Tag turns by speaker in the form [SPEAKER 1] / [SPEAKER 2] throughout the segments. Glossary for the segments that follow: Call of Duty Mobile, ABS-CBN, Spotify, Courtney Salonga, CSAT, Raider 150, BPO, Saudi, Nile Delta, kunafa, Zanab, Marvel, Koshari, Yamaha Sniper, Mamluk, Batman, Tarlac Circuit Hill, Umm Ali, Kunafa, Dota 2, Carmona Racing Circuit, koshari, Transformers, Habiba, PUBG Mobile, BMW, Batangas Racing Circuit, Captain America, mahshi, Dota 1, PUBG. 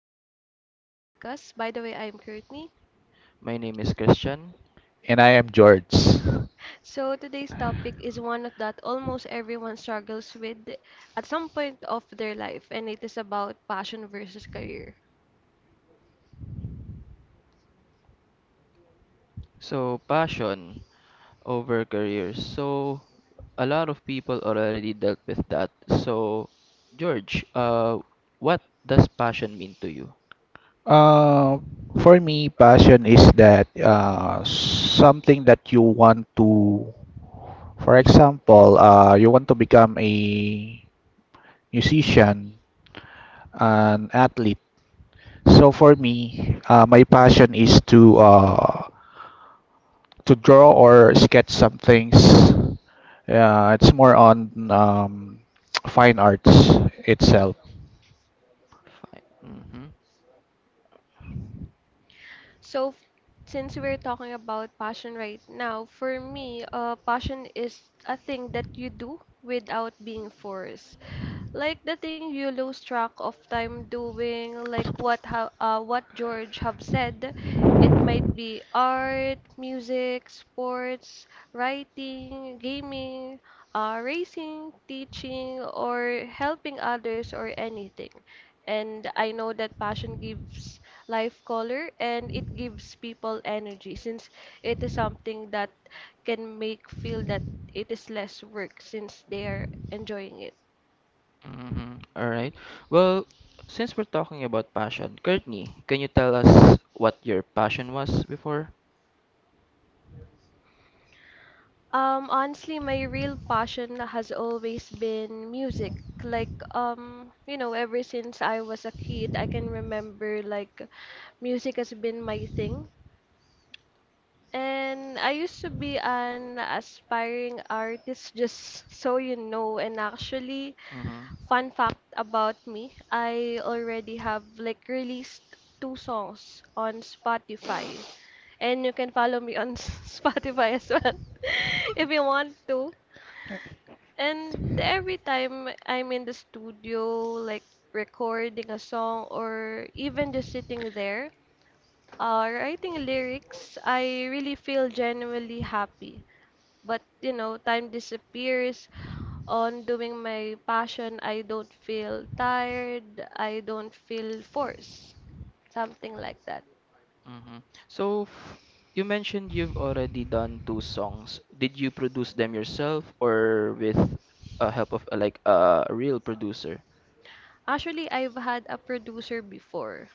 [SPEAKER 1] back to our podcast. By the way, I'm Courtney.
[SPEAKER 2] My name is Christian.
[SPEAKER 3] And I am George.
[SPEAKER 1] So today's topic is one that almost everyone struggles with at some point of their life, and it is about passion versus career.
[SPEAKER 2] Passion over career. So, a lot of people already dealt with that. So, George, what does passion mean to you?
[SPEAKER 3] Uh, for me, passion is that something that you want to, for example, you want to become a musician, an athlete. So for me, my passion is to draw or sketch some things. It's more on fine arts itself.
[SPEAKER 2] Fine. Mm-hmm.
[SPEAKER 1] So f- since we're talking about passion right now, for me, passion is a thing that you do without being forced, like the thing you lose track of time doing, like what George have said. It might be art, music, sports, writing, gaming, racing, teaching, or helping others, or anything. And I know that passion gives life color, and it gives people energy since it is something that can make feel that it is less work since they are enjoying it.
[SPEAKER 2] Mm-hmm. All right. Well, since we're talking about passion, Courtney, can you tell us what your passion was before?
[SPEAKER 1] Honestly, my real passion has always been music. Like, you know, ever since I was a kid, I can remember like music has been my thing. And I used to be an aspiring artist, just so you know. And actually,
[SPEAKER 2] Mm-hmm.
[SPEAKER 1] fun fact about me, I already have like released two songs on Spotify. And you can follow me on Spotify as well if you want to. And every time I'm in the studio, like recording a song or even just sitting there, writing lyrics, I really feel genuinely happy. But you know, time disappears. On doing my passion, I don't feel tired. I don't feel forced. Something like that.
[SPEAKER 2] Mhm. So f you mentioned you've already done two songs. Did you produce them yourself or with help of a real producer?
[SPEAKER 1] Actually, I've had a producer before.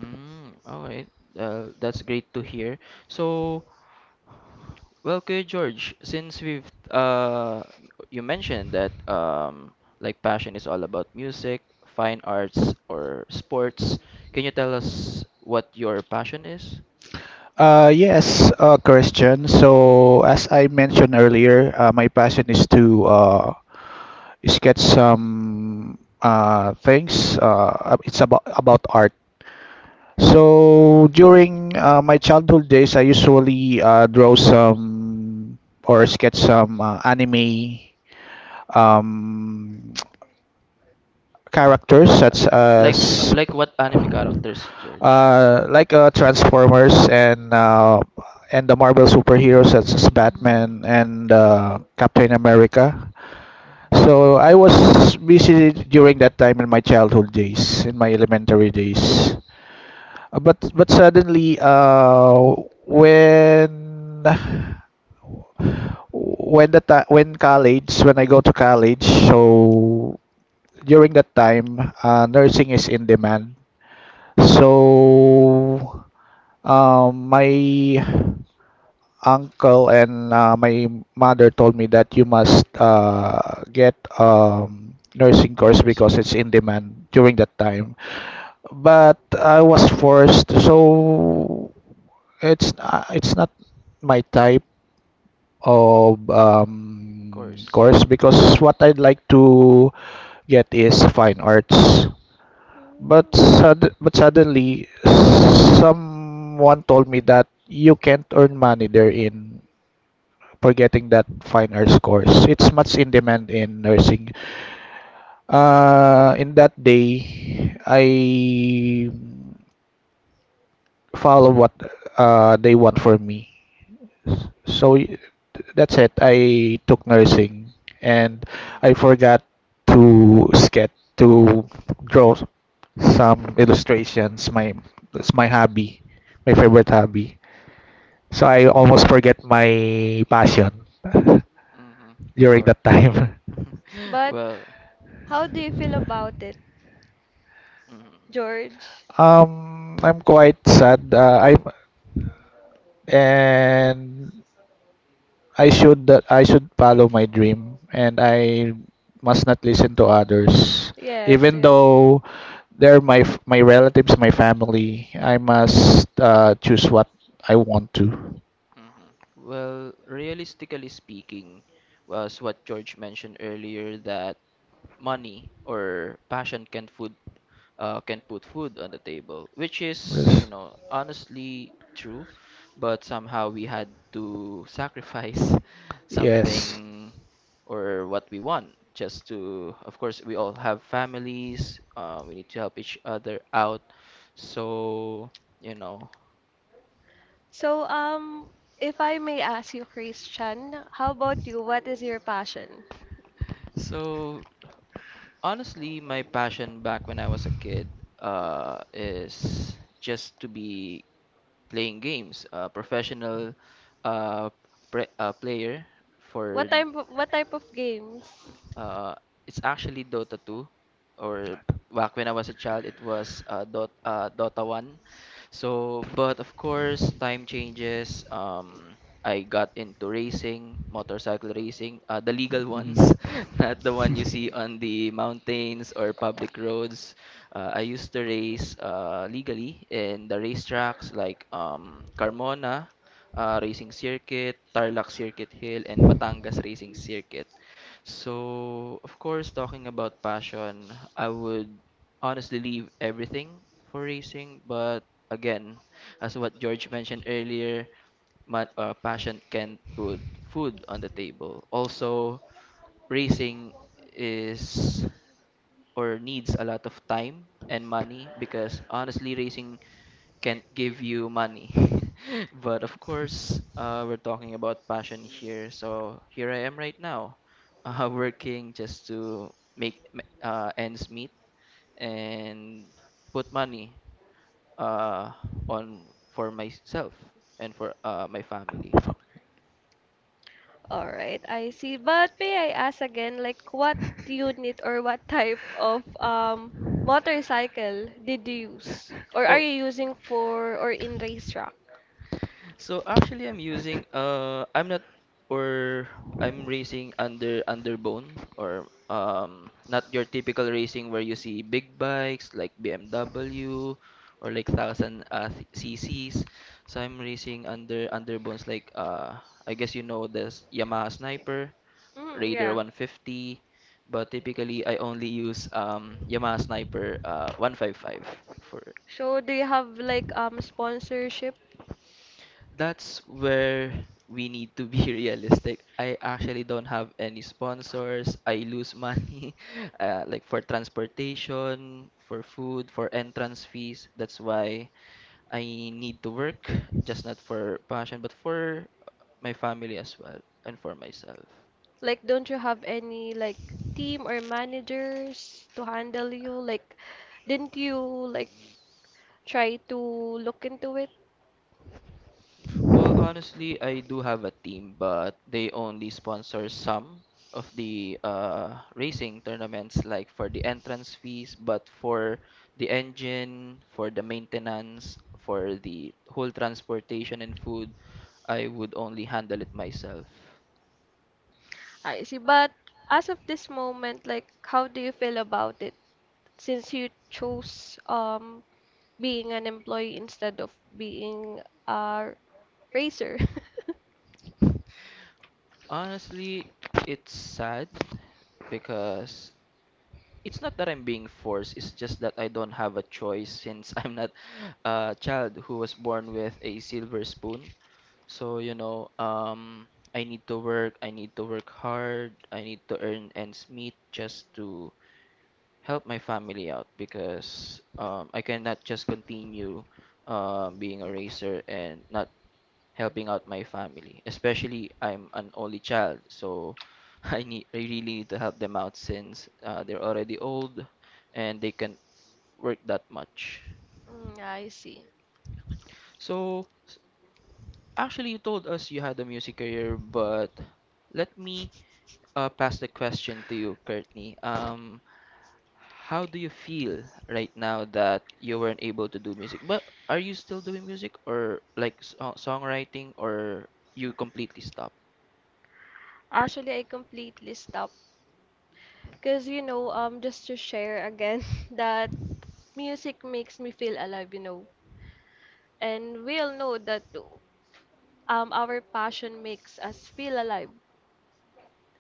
[SPEAKER 2] Mm, all right. That's great to hear. So, well, Kuya George, since we've you mentioned that like passion is all about music, fine arts or sports, can you tell us what your passion is?
[SPEAKER 3] Yes, Christian. So, as I mentioned earlier, my passion is to sketch some things. It's about art. So, during my childhood days, I usually draw some or sketch some anime, um, characters
[SPEAKER 2] Uh,
[SPEAKER 3] such as
[SPEAKER 2] like what anime characters, George?
[SPEAKER 3] like Transformers and the Marvel superheroes such as
[SPEAKER 2] Mm.
[SPEAKER 3] Batman
[SPEAKER 2] Mhm.
[SPEAKER 3] and Captain America. So I was busy during that time in my childhood days, in my elementary days. But suddenly, when when the ti when college, when I go to college, so during that time, nursing is in demand. So,
[SPEAKER 2] my
[SPEAKER 3] my uncle and my mother told me that you must get nursing course because it's in demand during that time. But I was forced, so it's not my type of course because what I'd like to get is fine arts. But suddenly, someone told me that you can't earn money there in for getting that fine arts course. It's much in demand in nursing. In that day, I follow what they want for me. So that's it. I took nursing, and I
[SPEAKER 2] Mm.
[SPEAKER 3] forgot to draw some illustrations. My That's my hobby, my favorite hobby. So I almost forget my passion
[SPEAKER 2] hmm
[SPEAKER 3] during
[SPEAKER 2] Or
[SPEAKER 3] that time.
[SPEAKER 1] But
[SPEAKER 2] Well,
[SPEAKER 1] how do you feel about
[SPEAKER 2] mm-hmm.
[SPEAKER 1] it, George?
[SPEAKER 3] I'm quite sad. I and I should follow my dream, and I must not listen to others.
[SPEAKER 1] Yes,
[SPEAKER 3] Even
[SPEAKER 1] yes.
[SPEAKER 3] though they're my relatives, my family, I must choose what I want to.
[SPEAKER 2] hmm Well, realistically speaking, was what George mentioned earlier, that money or passion can put food on the table, which is, you
[SPEAKER 3] Yes.
[SPEAKER 2] know, honestly true, but somehow we had to sacrifice
[SPEAKER 3] Yes.
[SPEAKER 2] something or what we want, just to, of course, we all have families, we need to help each other out. So, you know,
[SPEAKER 1] So, if I may ask you, Christian, how about you? What is your passion?
[SPEAKER 2] so honestly, my passion back when I was a kid, is just to be playing games, a professional uh, player for.
[SPEAKER 1] What type of games?
[SPEAKER 2] Uh, it's actually Dota 2, or back when I was a child, it was Dota 1. So, but of course, time changes. I got into racing, motorcycle racing, the legal ones,
[SPEAKER 3] Mm.
[SPEAKER 2] not the one you see on the mountains or public roads. I used to race legally in the racetracks like Carmona Racing Circuit, Tarlac Circuit Hill, and Batangas Racing Circuit. So, of course, talking about passion, I would honestly leave everything for racing. But again, as what George mentioned earlier, my, passion can put food on the table. Also, racing is or needs a lot of time and money because honestly, racing can't give you money. But of course, we're talking about passion here. So here I am right now, working just to make ends meet and put money uh, on for myself and for my family.
[SPEAKER 1] All right, I see. But may I ask again, like what unit or what type of motorcycle did you use? Or are
[SPEAKER 2] Oh,
[SPEAKER 1] you using for or in racetrack?
[SPEAKER 2] so actually, I'm using I'm not or I'm racing under underbone or not your typical racing where you see big bikes like BMW or like thousand CCs. So I'm racing under underbones like I guess you know this Yamaha Sniper,
[SPEAKER 1] Mm,
[SPEAKER 2] Raider
[SPEAKER 1] yeah.
[SPEAKER 2] 150, but typically I only use Yamaha Sniper 155 for.
[SPEAKER 1] So do you have like sponsorship?
[SPEAKER 2] That's where we need to be realistic. I actually don't have any sponsors. I lose money, like for transportation, for food, for entrance fees. That's why I need to work, just not for passion, but for my family as well and for myself.
[SPEAKER 1] Like don't you have any like team or managers to handle you? Like didn't you like try to look into it?
[SPEAKER 2] Well, honestly, I do have a team, but they only sponsor some of the racing tournaments, like for the entrance fees, but for the engine, for the maintenance, for the whole transportation and food, I would only handle it myself.
[SPEAKER 1] I see. But as of this moment, like how do you feel about it since you chose being an employee instead of being a racer?
[SPEAKER 2] Honestly, it's sad because it's not that I'm being forced, it's just that I don't have a choice since I'm not a child who was born with a silver spoon. So, you know, I need to work, I need to work hard, I need to earn ends meet just to help my family out because I cannot just continue being a racer and not helping out my family. Especially I'm an only child, so I really need to help them out since they're already old and they can work that much.
[SPEAKER 1] Mm, I see.
[SPEAKER 2] So, actually, you told us you had a music career, but let me pass the question to you, Courtney. How do you feel right now that you weren't able to do music? But are you still doing music, or like songwriting, or you completely stop?
[SPEAKER 1] Actually, I completely stopped, cause you know, just to share again that music makes me feel alive, you know. And we all know that our passion makes us feel alive.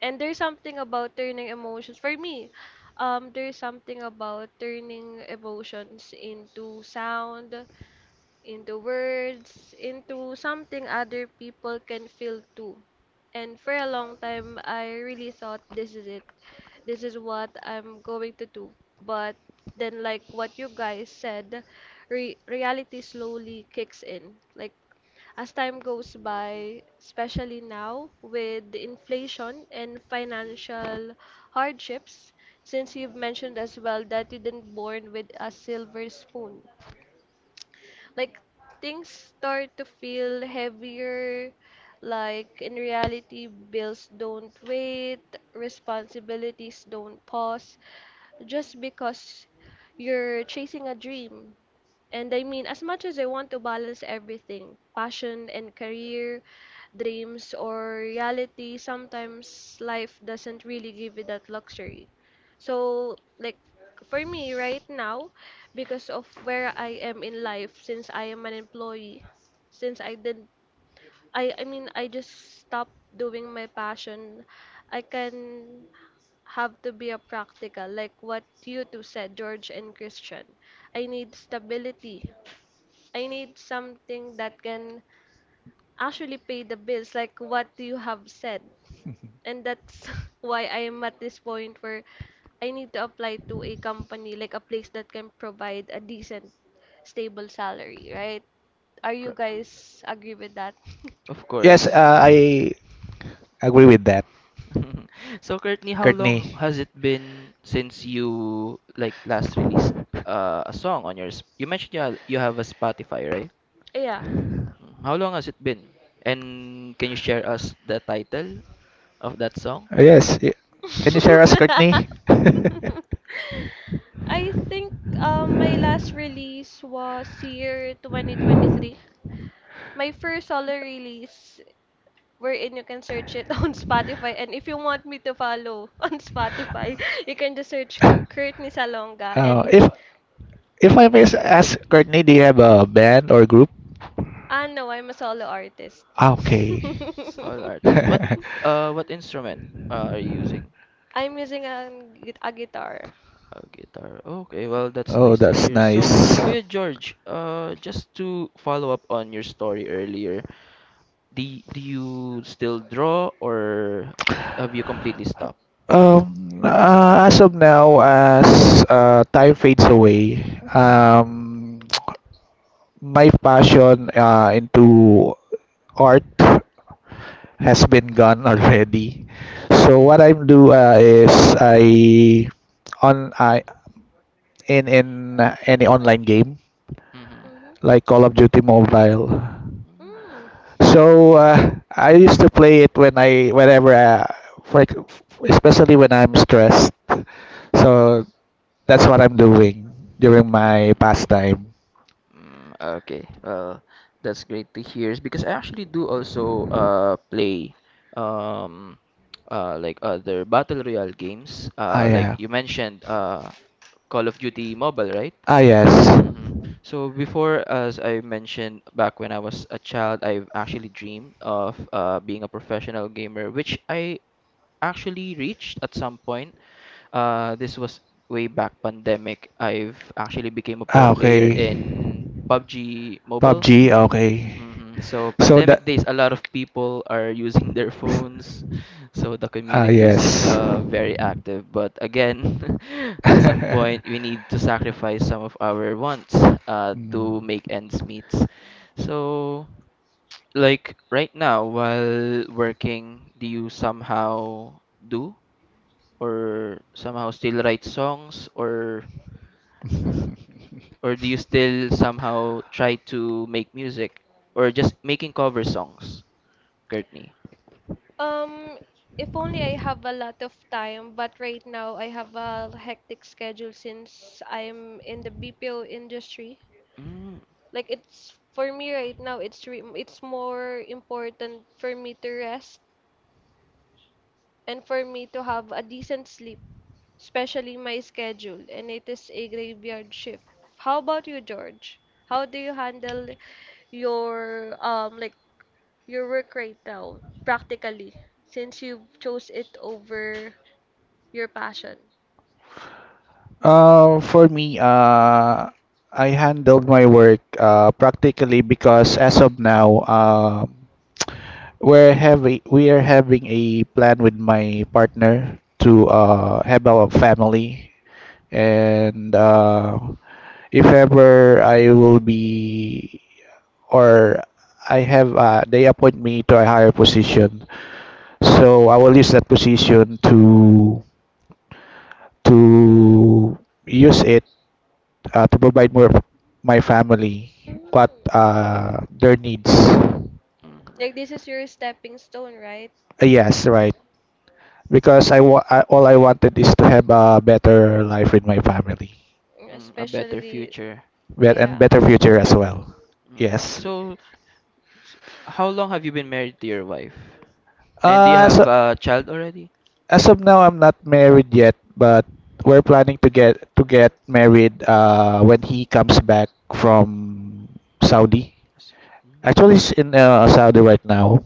[SPEAKER 1] And there's something about turning emotions for me. There's something about turning emotions into sound, into words, into something other people can feel too. And for a long time, I really thought this is it. This is what I'm going to do. But then, like what you guys said, reality slowly kicks in. Like as time goes by, especially now with the inflation and financial hardships, since you've mentioned as well that you didn't born with a silver spoon, like things start to feel heavier. Like in reality, bills don't wait, responsibilities don't pause just because you're chasing a dream. And I mean, as much as I want to balance everything, passion and career, dreams or reality, sometimes life doesn't really give you that luxury. So, like for me right now, because of where I am in life, since I am an employee, since I did, I mean, I just stopped doing my passion, I can have to be a practical, like what you two said, George and Christian. I need stability. I need something that can actually pay the bills, like what you have said. And that's why I am at this point where I need to apply to a company, like a place that can provide a decent, stable salary, right? Are you
[SPEAKER 2] Cor-
[SPEAKER 1] guys agree with that?
[SPEAKER 2] Of
[SPEAKER 3] yes,
[SPEAKER 2] course.
[SPEAKER 3] uh, I agree with that.
[SPEAKER 2] So Courtney, how long
[SPEAKER 3] Courtney.
[SPEAKER 2] has it been since you like last released a song on your you mentioned you you have a Spotify, right?
[SPEAKER 1] Yeah.
[SPEAKER 2] Mm, how long has it been? And can you share us the title of that song.
[SPEAKER 3] Yes. Can you share us, Courtney?
[SPEAKER 1] I think my last release was year 2023. My first solo release wherein you can search it on Spotify. And if you want me to follow on Spotify, you can just search Courtney Salonga.
[SPEAKER 3] Uh,
[SPEAKER 1] And
[SPEAKER 3] if if ask, Courtney, do you have a band or group?
[SPEAKER 1] ah no, I'm a solo artist.
[SPEAKER 3] Ah, okay.
[SPEAKER 2] Mm, soul artist. What instrument are you using?
[SPEAKER 1] I'm using a guitar.
[SPEAKER 2] Guitar. Okay, well that's
[SPEAKER 3] Oh,
[SPEAKER 2] nice to
[SPEAKER 3] that's
[SPEAKER 2] hear. So,
[SPEAKER 3] nice.
[SPEAKER 2] Kuya George, just to follow up on your story earlier, do you still draw or have you completely stopped?
[SPEAKER 3] As of now, as time fades away, um, my passion into art has been gone already. So what I do is I on I in any online game
[SPEAKER 2] Mm-hmm.
[SPEAKER 1] Hmm
[SPEAKER 3] like Call of Duty Mobile.
[SPEAKER 1] Mm.
[SPEAKER 3] So I used to play it whenever for, especially when I'm stressed. So that's what I'm
[SPEAKER 2] Mm-hmm.
[SPEAKER 3] doing during my pastime.
[SPEAKER 2] Mm, okay. Well, that's great to hear because I actually do also play um like other battle royale games.
[SPEAKER 3] Ah,
[SPEAKER 2] Like
[SPEAKER 3] yeah.
[SPEAKER 2] you mentioned Call of Duty Mobile, right?
[SPEAKER 3] Ah, yes.
[SPEAKER 2] Mm-hmm. So before, as I mentioned back when I was a child, I've actually dreamed of being a professional gamer, which I actually reached at some point. This was way back pandemic. I've actually became a pro
[SPEAKER 3] Ah,
[SPEAKER 2] player
[SPEAKER 3] okay.
[SPEAKER 2] in PUBG Mobile.
[SPEAKER 3] PUBG, okay.
[SPEAKER 2] Hmm So
[SPEAKER 3] So that
[SPEAKER 2] pandemic days, a lot of people are using their phones, so the
[SPEAKER 3] Ah,
[SPEAKER 2] community is
[SPEAKER 3] yes.
[SPEAKER 2] very active. But again, at some point, we need to sacrifice some of our wants
[SPEAKER 3] Mm.
[SPEAKER 2] to make ends meet. So, like right now, while working, do you somehow do or somehow still write songs, or do you still somehow try to make music or just making cover songs, Courtney?
[SPEAKER 1] Um, if only I have a lot of time, but right now I have a hectic schedule since I'm in the BPO industry.
[SPEAKER 2] Mm,
[SPEAKER 1] Like it's for me right now, it's more important for me to rest and for me to have a decent sleep, especially my schedule, and it is a graveyard shift. How about you, George? How do you handle your like your work right now practically since you chose it over your passion?
[SPEAKER 3] For me, I handled my work practically because as of now, we are having a plan with my partner to have a family, and if ever I will be or I have they appoint me to a higher position, so I will use that position to use it to provide more of my family
[SPEAKER 1] Mm.
[SPEAKER 3] what their needs.
[SPEAKER 1] Like
[SPEAKER 2] mhm.
[SPEAKER 1] this is your stepping stone, right?
[SPEAKER 3] Yes, right. Because I, wa- I all I wanted is to have a better life with my family,
[SPEAKER 2] Mm, a better
[SPEAKER 1] Especially
[SPEAKER 2] future.
[SPEAKER 3] bet and
[SPEAKER 1] yeah.
[SPEAKER 3] better future as well.
[SPEAKER 2] Hmm
[SPEAKER 3] Yes.
[SPEAKER 2] So, s- how long have you been married to your wife? And do you
[SPEAKER 3] Uh, as
[SPEAKER 2] have a child already?
[SPEAKER 3] as of now, I'm not married yet, but we're planning to get married when he comes back from Saudi.
[SPEAKER 2] S- Mm,
[SPEAKER 3] Actually, she's in Saudi right now.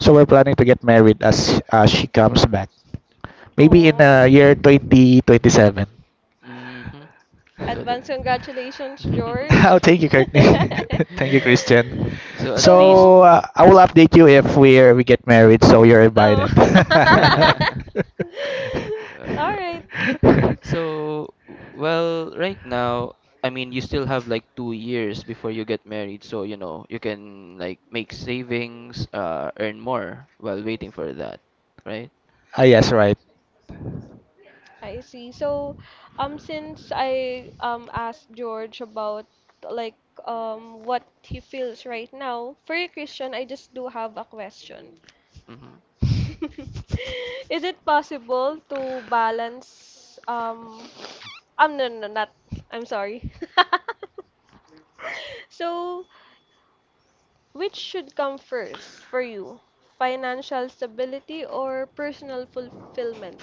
[SPEAKER 3] So we're planning to get married as she comes back. Maybe in
[SPEAKER 1] Oh.
[SPEAKER 3] year 2027.
[SPEAKER 2] hmm hmm So that.
[SPEAKER 1] Advance congratulations, George.
[SPEAKER 3] Oh, thank you, Courtney.
[SPEAKER 1] Thank you.
[SPEAKER 3] Thank you, Christian.
[SPEAKER 2] So at least.
[SPEAKER 3] So I
[SPEAKER 1] So,
[SPEAKER 3] will update you if we get married. So you're
[SPEAKER 1] oh.
[SPEAKER 3] invited.
[SPEAKER 2] Uh,
[SPEAKER 1] All right.
[SPEAKER 2] So, well, right now, I mean, you still have like 2 years before you get married, so you know, you can like make savings, earn more while waiting for that, right?
[SPEAKER 3] Ah, yes, right.
[SPEAKER 1] I see. So, since I asked George about like what he feels right now, for you, Christian, I just do have a question.
[SPEAKER 2] hmm
[SPEAKER 1] Is it possible to balance um, no, no, no, not. I'm sorry. So, which should come first for you? Financial stability or personal fulfillment?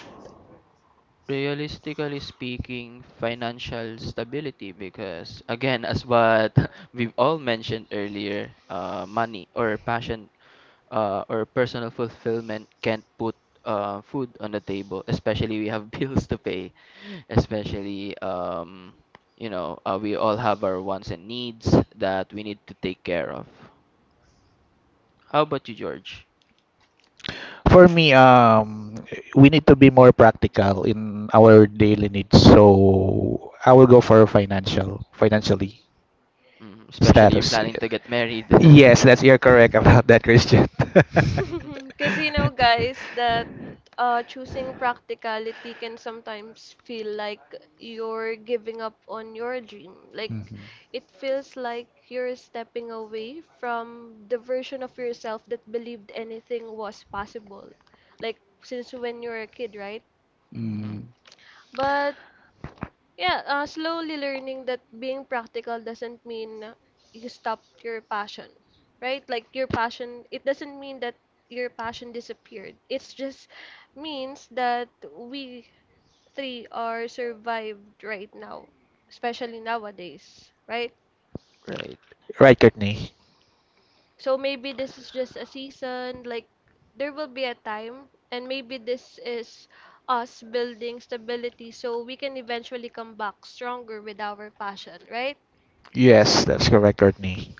[SPEAKER 2] Realistically speaking, financial stability, because again, as what we've all mentioned earlier, money or passion or personal fulfillment can't put food on the table, especially we have bills to pay, especially you know, we all have our wants and needs that we need to take care of. How about you, George?
[SPEAKER 3] For me, we need to be more practical in our daily needs. So I will go for financially
[SPEAKER 2] Mm, especially you're
[SPEAKER 3] status.
[SPEAKER 2] planning to get married.
[SPEAKER 3] Yes, that's you're correct about that, Christian.
[SPEAKER 2] Mhm.
[SPEAKER 1] Because you know, guys, that choosing practicality can sometimes feel like you're giving up on your dream. Like,
[SPEAKER 3] Mhm.
[SPEAKER 1] it feels like you're stepping away from the version of yourself that believed anything was possible. Like, since when you were a kid, right?
[SPEAKER 3] Mm.
[SPEAKER 1] But yeah, slowly learning that being practical doesn't mean you stop your passion, right? Like your passion, it doesn't mean that your passion disappeared. It's just means that we three are survived right now, especially nowadays, right?
[SPEAKER 2] Right,
[SPEAKER 3] Right, Courtney.
[SPEAKER 1] So maybe this is just a season, like there will be a time, and maybe this is us building stability so we can eventually come back stronger with our passion, right?
[SPEAKER 3] Yes, that's
[SPEAKER 2] exactly.
[SPEAKER 3] correct, Courtney.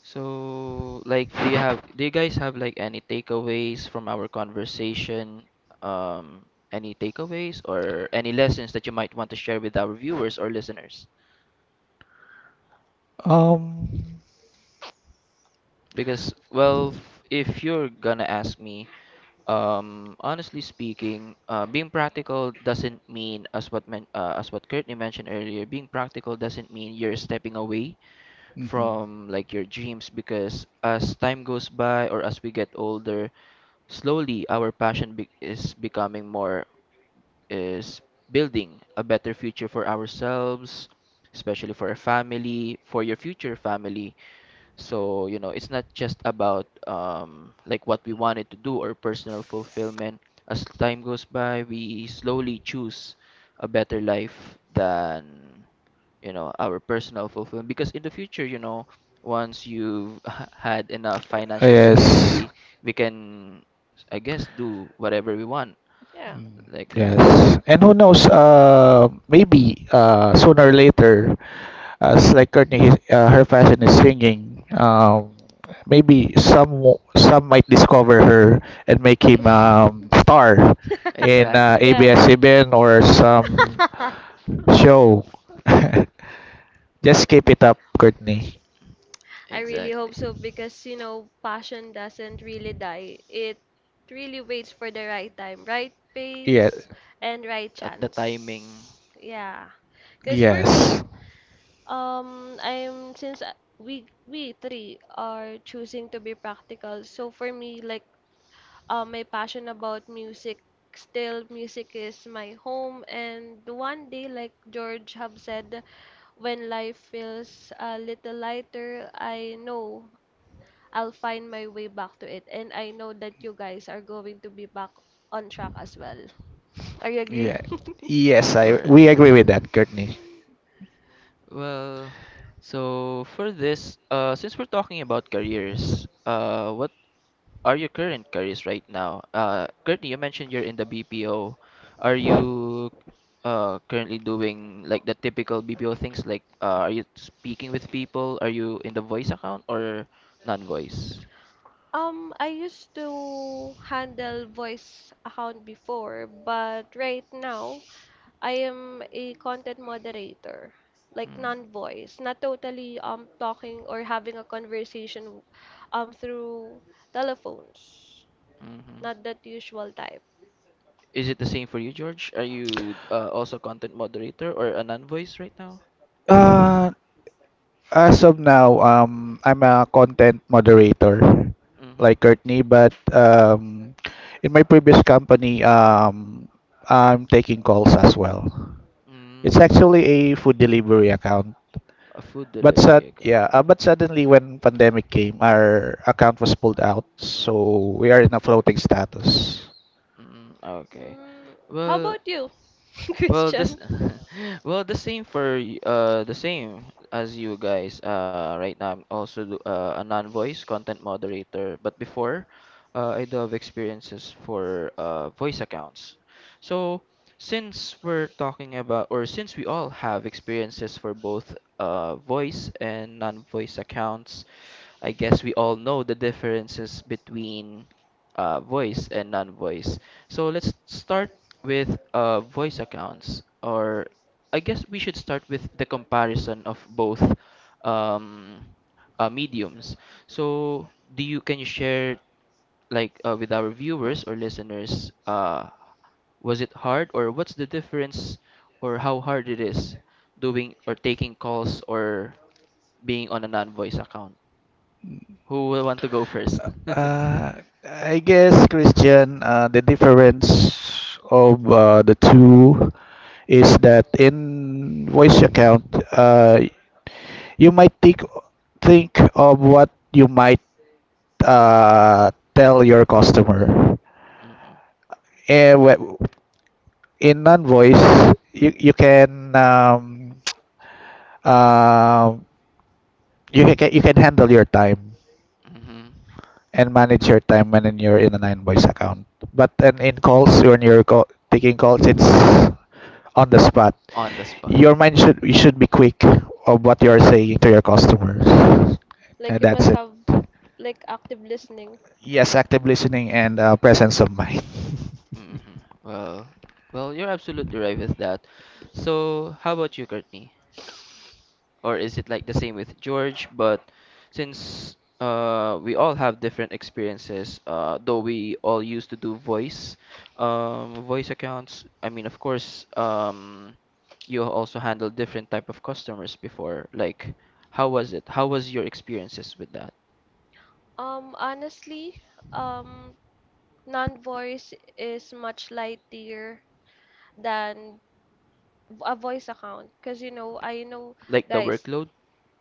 [SPEAKER 2] So, like, do you guys have like any takeaways from our conversation? Um, any takeaways or any lessons that you might want to share with our viewers or listeners?
[SPEAKER 3] Um,
[SPEAKER 2] Because, well, if you're gonna ask me, honestly speaking, being practical doesn't mean, as what Courtney mentioned earlier, being practical doesn't mean you're stepping away
[SPEAKER 3] mhm.
[SPEAKER 2] from like your dreams, because as time goes by or as we get older, slowly, our passion is becoming more is building a better future for ourselves, especially for our family, for your future family. So, you know, it's not just about like what we wanted to do or personal fulfillment. As time goes by, we slowly choose a better life than, you know, our personal fulfillment, because in the future, you know, once you've had enough financial
[SPEAKER 3] Yes.
[SPEAKER 2] stability, we can, I guess, do whatever we want,
[SPEAKER 1] Yeah.
[SPEAKER 3] Mm,
[SPEAKER 2] like
[SPEAKER 3] yes,
[SPEAKER 2] f-
[SPEAKER 3] and who knows? Maybe sooner or later, as like Courtney, her fashion is singing. Maybe some might discover her and make him
[SPEAKER 2] Mhm.
[SPEAKER 3] star in
[SPEAKER 2] Exactly.
[SPEAKER 1] Yeah.
[SPEAKER 3] ABS-CBN or some show. Just keep it up, Courtney.
[SPEAKER 1] I really hope
[SPEAKER 2] Exactly,
[SPEAKER 1] so, because you know passion doesn't really die. It really waits for the right time, right
[SPEAKER 3] Yeah,
[SPEAKER 1] pace, and right
[SPEAKER 2] at the timing.
[SPEAKER 1] chance. Yeah. Because for me,
[SPEAKER 3] yes.
[SPEAKER 1] I'm since we three are choosing to be practical. So for me, like my passion about music. Still, music is my home, and one day, like George have said, when life feels a little lighter, I know I'll find my way back to it, and I know that you guys are going to be back on track as well. Are you agree?
[SPEAKER 3] Yeah.
[SPEAKER 2] Of
[SPEAKER 3] Yes, I we
[SPEAKER 2] course.
[SPEAKER 3] agree with that, Courtney.
[SPEAKER 2] Well, so for this, since we're talking about careers, what are your current careers right now? Currently, you mentioned you're in the BPO. Are you currently doing like the typical BPO things? Like, are you speaking with people? Are you in the voice account or non-voice?
[SPEAKER 1] I used to handle voice account before, but right now I am a content moderator, like
[SPEAKER 2] Mm,
[SPEAKER 1] non-voice, not totally talking or having a conversation through telephones,
[SPEAKER 2] mhm.
[SPEAKER 1] not that usual type.
[SPEAKER 2] Is it the same for you, George? Are you also content moderator or a non-voice right now?
[SPEAKER 3] Uh, as of now, I'm a content moderator,
[SPEAKER 2] Mm-hmm.
[SPEAKER 3] like Courtney, but in my previous company, I'm taking calls as well. It's
[SPEAKER 2] Mm,
[SPEAKER 3] actually a food delivery account,
[SPEAKER 2] a food
[SPEAKER 3] but sud
[SPEAKER 2] delivery, okay.
[SPEAKER 3] yeah, uh, but suddenly when pandemic came, our account was pulled out, so we are in a floating status.
[SPEAKER 2] Mm, okay.
[SPEAKER 1] Mm, how
[SPEAKER 2] Well,
[SPEAKER 1] about you,
[SPEAKER 2] well this
[SPEAKER 1] Christian?
[SPEAKER 2] well the same for the same as you guys. Right now I'm also a non-voice content moderator, but before, I do have experiences for voice accounts. So since we're talking about, or since we all have experiences for both voice and non-voice accounts, I guess we all know the differences between voice and non-voice. So let's start with voice accounts, or I guess we should start with the comparison of both um, mediums. So do you can you share like with our viewers or listeners, was it hard, or what's the difference, or how hard it is doing or taking calls or being on a non-voice account? Who will want to go first?
[SPEAKER 3] Uh, I guess, Christian, the difference of the two is that in voice account, uh, you might think of what you might tell your customer.
[SPEAKER 2] Mhm.
[SPEAKER 3] And in non-voice, uh, you can handle your time
[SPEAKER 2] hmm
[SPEAKER 3] and manage your time when you're in a nine boys account. But then in calls, taking calls, it's
[SPEAKER 2] hmm
[SPEAKER 3] on the spot.
[SPEAKER 2] On the spot.
[SPEAKER 3] You should be quick of what you're saying to
[SPEAKER 2] Mm-hmm.
[SPEAKER 3] your customers,
[SPEAKER 1] Like
[SPEAKER 3] and
[SPEAKER 1] you
[SPEAKER 3] that's
[SPEAKER 1] must
[SPEAKER 3] it.
[SPEAKER 1] have like active listening.
[SPEAKER 3] Yes, active listening and presence of mind.
[SPEAKER 2] Mm-hmm. Well, well, you're absolutely right with that. So, how about you, Courtney? Or is it like the same with George? But since we all have different experiences, though we all used to do voice, voice accounts. I mean, of course, you also handle different type of customers before. Like, how was it? How was your experiences with that?
[SPEAKER 1] Honestly, um, non-voice is much lighter than a voice account, cause you know I know
[SPEAKER 2] Like the
[SPEAKER 1] guys.
[SPEAKER 2] workload?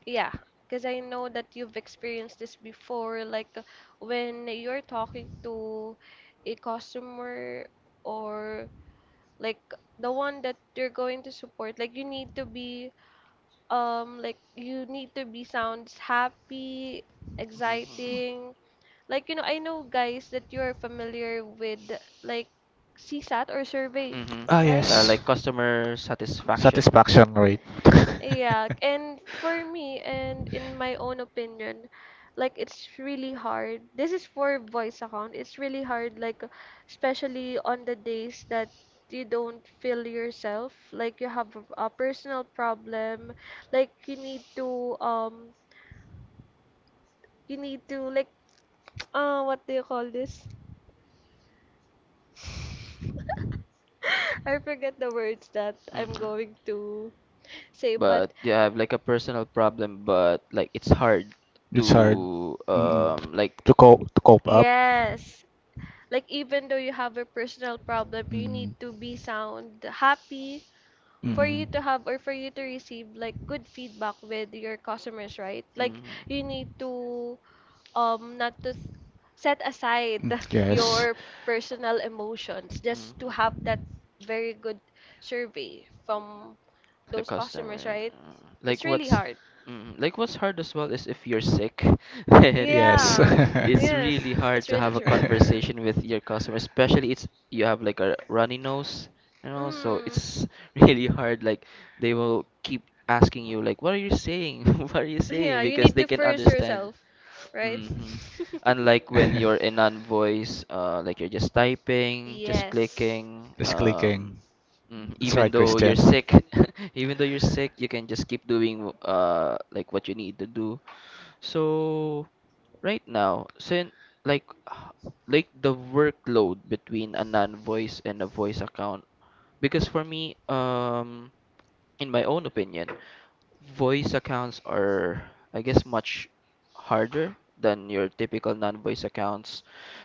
[SPEAKER 1] Yeah, because I know that you've experienced this before, like when you're talking to a customer or like the one that you're going to support, like you need to be like you need to be sounds happy,
[SPEAKER 2] Mm-hmm.
[SPEAKER 1] exciting. Like you know, I know guys that you're familiar with like CSAT or survey,
[SPEAKER 2] Mm-hmm.
[SPEAKER 3] Ah,
[SPEAKER 1] right?
[SPEAKER 3] yes.
[SPEAKER 2] Like customer satisfaction.
[SPEAKER 3] Satisfaction rate.
[SPEAKER 1] Yeah, and for me, and in my own opinion, like it's really hard. This is for voice account. It's really hard, like especially on the days that you don't feel yourself, like you have a personal problem, like you need to like what do you call this? I forget the words that I'm
[SPEAKER 2] Mm-hmm.
[SPEAKER 1] going to say,
[SPEAKER 2] But
[SPEAKER 1] but
[SPEAKER 2] yeah, I have like a personal problem, but like it's hard
[SPEAKER 3] It's really hard.
[SPEAKER 2] to
[SPEAKER 3] Mm-mm.
[SPEAKER 2] like
[SPEAKER 3] To cope up.
[SPEAKER 1] yes, like, even though you have a personal problem, you need
[SPEAKER 3] Mm.
[SPEAKER 1] to be sound, happy for you
[SPEAKER 3] Mm.
[SPEAKER 2] mhm.
[SPEAKER 1] to have or for you to receive like good feedback with your customers, right? Like, you need
[SPEAKER 2] Mhm.
[SPEAKER 1] to not to set aside
[SPEAKER 3] Mm, yes.
[SPEAKER 1] your personal emotions
[SPEAKER 2] Mhm.
[SPEAKER 1] just to have that very good survey from
[SPEAKER 2] the
[SPEAKER 1] those customers,
[SPEAKER 2] customer.
[SPEAKER 1] right?
[SPEAKER 2] Like
[SPEAKER 1] It's really
[SPEAKER 2] what's
[SPEAKER 1] hard.
[SPEAKER 2] like what's hard as well is if you're sick, then
[SPEAKER 3] Yes.
[SPEAKER 1] Yeah,
[SPEAKER 2] it's
[SPEAKER 1] yes,
[SPEAKER 2] really hard
[SPEAKER 1] it's
[SPEAKER 2] to
[SPEAKER 1] really
[SPEAKER 2] have a
[SPEAKER 1] true.
[SPEAKER 2] conversation with your customer, especially it's you have like a runny nose, so
[SPEAKER 1] Mm.
[SPEAKER 2] it's really hard. Like they will keep asking you like, "What are you saying? What are you
[SPEAKER 1] Yeah,
[SPEAKER 2] saying?"
[SPEAKER 1] you
[SPEAKER 2] Because
[SPEAKER 1] need
[SPEAKER 2] they
[SPEAKER 1] to
[SPEAKER 2] can
[SPEAKER 1] first
[SPEAKER 2] understand you.
[SPEAKER 1] yourself, right?
[SPEAKER 2] Mm-hmm. Unlike when you're in non-voice, like you're just typing, just
[SPEAKER 1] Yes.
[SPEAKER 2] clicking,
[SPEAKER 3] Just clicking.
[SPEAKER 2] Mm,
[SPEAKER 3] That's
[SPEAKER 2] even
[SPEAKER 3] right,
[SPEAKER 2] though you're
[SPEAKER 3] Christian.
[SPEAKER 2] sick, even though you're sick, you can just keep doing like what you need to do. So right now, since like h- like the workload between a non-voice and a voice account, because for me, in my own opinion, voice accounts are I guess much harder than your typical non-voice accounts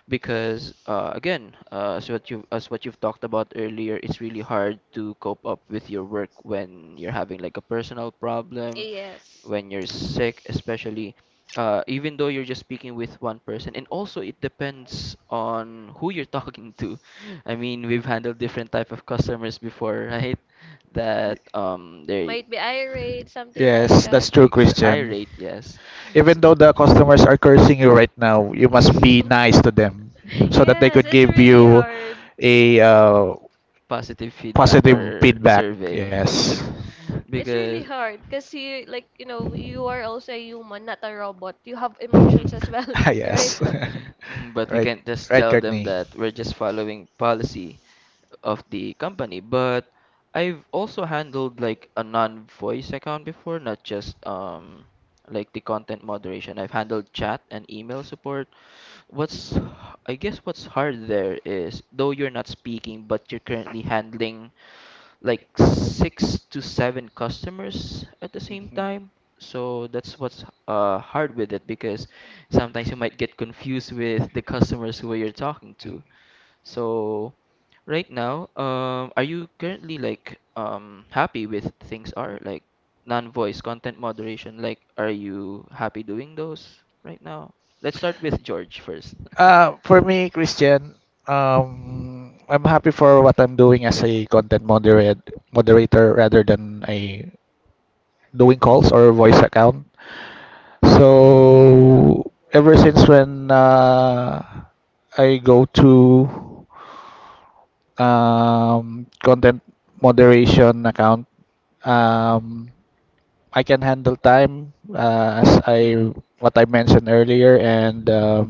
[SPEAKER 2] because again, as what you've talked about earlier, it's really hard to cope up with your work when you're having like a personal problem,
[SPEAKER 1] Yes.
[SPEAKER 2] when you're sick, especially even though you're just speaking with one person. And also, it depends on who you're talking to. I mean, we've handled different type of customers before, right? That they
[SPEAKER 1] Might be irate, something like
[SPEAKER 3] Yes,
[SPEAKER 1] that.
[SPEAKER 3] that's true, Christian.
[SPEAKER 2] irate, yes.
[SPEAKER 3] Even
[SPEAKER 2] So-
[SPEAKER 3] though the customers are cursing you right now, you must be nice to them so that they
[SPEAKER 1] Yes,
[SPEAKER 3] could
[SPEAKER 1] it's
[SPEAKER 3] give
[SPEAKER 1] really
[SPEAKER 3] you
[SPEAKER 1] hard.
[SPEAKER 3] a
[SPEAKER 2] positive feedback
[SPEAKER 3] positive
[SPEAKER 2] or
[SPEAKER 3] feedback.
[SPEAKER 2] survey
[SPEAKER 3] Yes.
[SPEAKER 1] It's really
[SPEAKER 2] because
[SPEAKER 1] hard cause you like you know you are also a human, not a robot. You have emotions as well, right?
[SPEAKER 3] Yes.
[SPEAKER 2] Mm, but we
[SPEAKER 3] Right,
[SPEAKER 2] can't just
[SPEAKER 3] right,
[SPEAKER 2] tell them
[SPEAKER 3] Courtney.
[SPEAKER 2] that we're just following policy of the company. But I've also handled like a non-voice account before, not just like the content moderation. I've handled chat and email support. What's h- I guess what's hard there is though you're not speaking, but you're currently handling like six to seven customers at the same
[SPEAKER 3] Mhm.
[SPEAKER 2] time. So that's what's hard with it because sometimes you might get confused with the customers who you're talking to. So right now, are you currently like happy with things are like non-voice content moderation? Like, are you happy doing those right now? Let's start with George first.
[SPEAKER 3] For me, Christian, I'm happy for what I'm doing as a moderator rather than a doing calls or voice account. So ever since when I go to content moderation account, um, I can handle time as I
[SPEAKER 2] Mhm.
[SPEAKER 3] what I mentioned earlier, and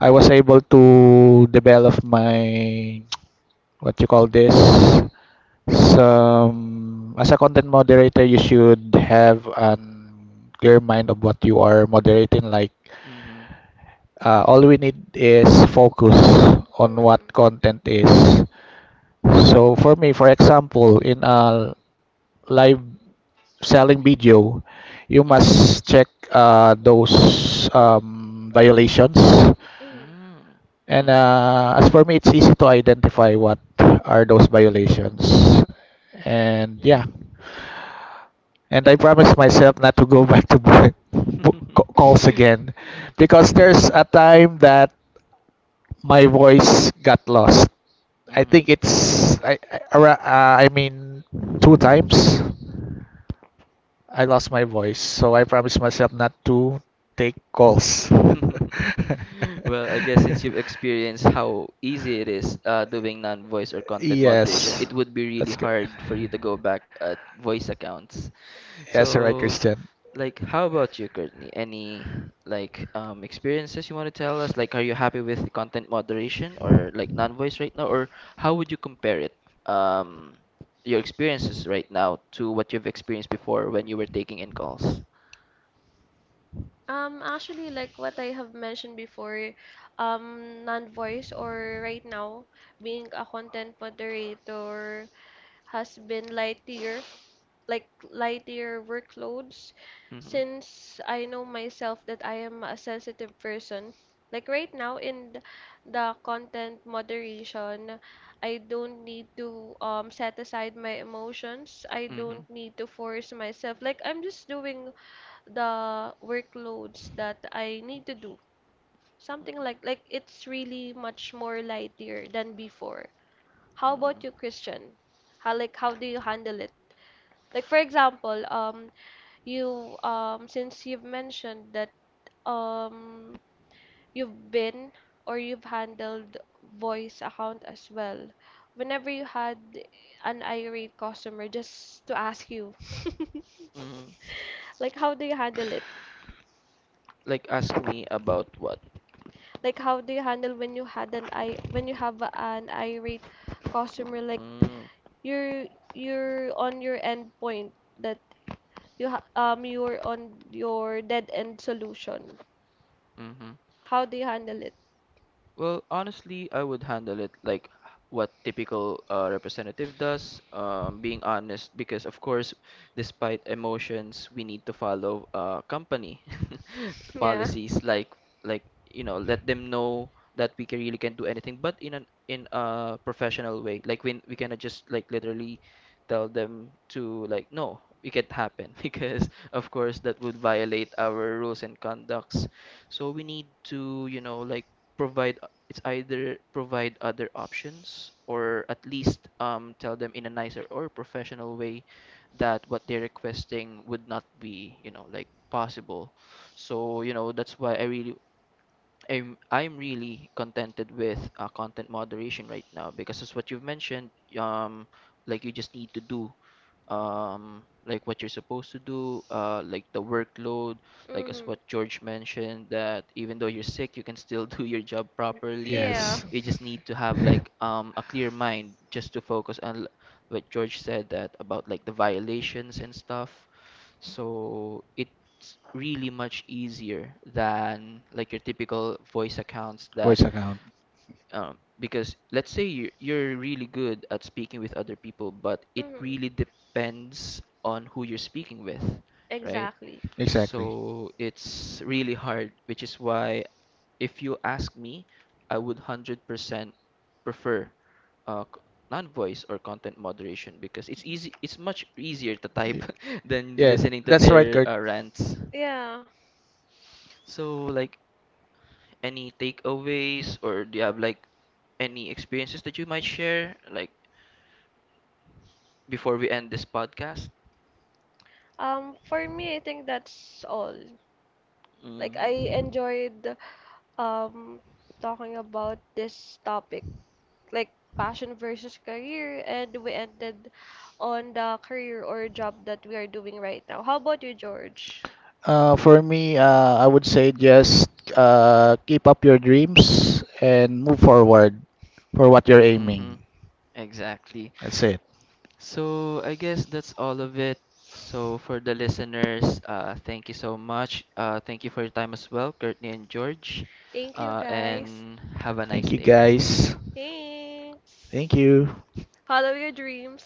[SPEAKER 3] I was able to develop my what you call this. Some As a content moderator, you should have an clear mind of what you are moderating. Like
[SPEAKER 2] Mhm.
[SPEAKER 3] all we need is focus on what
[SPEAKER 1] Mm-mm.
[SPEAKER 3] content is. So for me, for example, in a live selling video, you
[SPEAKER 2] Mhm.
[SPEAKER 3] must check those violations.
[SPEAKER 1] Mm.
[SPEAKER 2] Mm.
[SPEAKER 3] And
[SPEAKER 2] Mhm.
[SPEAKER 3] as for me, it's easy to identify what are those violations. And yeah, and I promised myself not to go back to bu- calls again because there's a time that my voice got lost. I think it's I, ara- I mean two times. I
[SPEAKER 2] Mhm.
[SPEAKER 3] lost my voice, so I promised myself not to take calls.
[SPEAKER 2] Well, I guess since you've experienced how easy it is doing non-voice or content moderation,
[SPEAKER 3] Yes,
[SPEAKER 2] it would be really
[SPEAKER 3] that's good.
[SPEAKER 2] hard for you to go back at voice accounts.
[SPEAKER 3] Yes, all right,
[SPEAKER 2] So,
[SPEAKER 3] Christian.
[SPEAKER 2] like, how about you, Courtney? Any like experiences you want to tell us? Like, are you happy with the content moderation or like non-voice right now, or how would you compare it? Um, your experiences right now to what you've experienced before when you were taking in calls.
[SPEAKER 1] Actually, like what I have mentioned before, non-voice or right now being a content moderator has been lightier, like lighter workloads,
[SPEAKER 2] Hmm.
[SPEAKER 1] since I know myself that I am a sensitive person. Like right now in the content moderation, I don't need to set aside my emotions. I
[SPEAKER 2] Hmm.
[SPEAKER 1] don't need to force myself. Like I'm just doing the workloads that I need to do. Something like it's really much more lighter than before. How about you,
[SPEAKER 2] Mm-hmm.
[SPEAKER 1] Christian? How like how do you handle it? Like for example, you since you've mentioned that um you've been or you've handled voice account as well. Whenever you had an irate customer, just to ask you,
[SPEAKER 2] Mm-hmm.
[SPEAKER 1] like how do you handle it?
[SPEAKER 2] Like ask me about what?
[SPEAKER 1] Like how do you handle when you had an I when you have an irate customer? Like
[SPEAKER 2] Mm-hmm.
[SPEAKER 1] you're you're on your end point that you're on your dead end solution.
[SPEAKER 2] Mm-hmm.
[SPEAKER 1] How do you handle it?
[SPEAKER 2] Well, honestly, I would handle it like what typical representative does, being honest, because of course, despite emotions, we need to follow company
[SPEAKER 1] Yeah.
[SPEAKER 2] policies, like like you know, let them know that we can really can't do anything, but in an in a professional way, like when we cannot just like literally tell them to like no, it can't happen because of course that would violate our rules and conducts. So we need to, you know, like provide — it's either provide other options or at least tell them in a nicer or professional way that what they're requesting would not be, you know, like possible, so you know that's why I'm really contented with content moderation right now because as what you've mentioned, um like you just need to do like what you're supposed to do, like the workload, like as
[SPEAKER 1] Mhm.
[SPEAKER 2] what George mentioned, that even though you're sick, you can still do your job properly.
[SPEAKER 3] Yes,
[SPEAKER 1] Yeah.
[SPEAKER 2] You just need to have like a clear mind just to focus on what George said that about like the violations and stuff. So it's really much easier than like your typical voice accounts
[SPEAKER 3] voice
[SPEAKER 2] that
[SPEAKER 3] account.
[SPEAKER 2] because let's say you're really good at speaking with other people, but it really
[SPEAKER 1] Mhm.
[SPEAKER 2] depends on who you're speaking with, right?
[SPEAKER 1] Exactly.
[SPEAKER 3] Exactly.
[SPEAKER 2] So it's really hard, which is why if you ask me, I would 100% prefer uh, c- non-voice or content moderation because it's easy, it's much easier to type than
[SPEAKER 3] Yeah,
[SPEAKER 2] listening to
[SPEAKER 3] that's right,
[SPEAKER 2] their
[SPEAKER 3] Kurt.
[SPEAKER 2] rants.
[SPEAKER 1] Yeah.
[SPEAKER 2] So like any takeaways or do you have like any experiences that you might share like before we end this podcast?
[SPEAKER 1] For me, I think that's all. Like, I
[SPEAKER 2] Mm-hmm.
[SPEAKER 1] enjoyed um talking about this topic, like passion versus career, and we ended on the career or job that we are doing right now. How about you, George?
[SPEAKER 3] For me, I would say just keep up your dreams and move forward for what you're
[SPEAKER 2] Mm-hmm.
[SPEAKER 3] aiming.
[SPEAKER 2] Exactly.
[SPEAKER 3] That's it.
[SPEAKER 2] So I guess that's all of it. So for the listeners, thank you so much. Thank you for your time as well, Courtney and George.
[SPEAKER 1] Thank you, guys.
[SPEAKER 2] And have a nice
[SPEAKER 3] Thank you,
[SPEAKER 2] day.
[SPEAKER 3] guys.
[SPEAKER 1] Thanks.
[SPEAKER 3] Thank you.
[SPEAKER 1] Follow your dreams.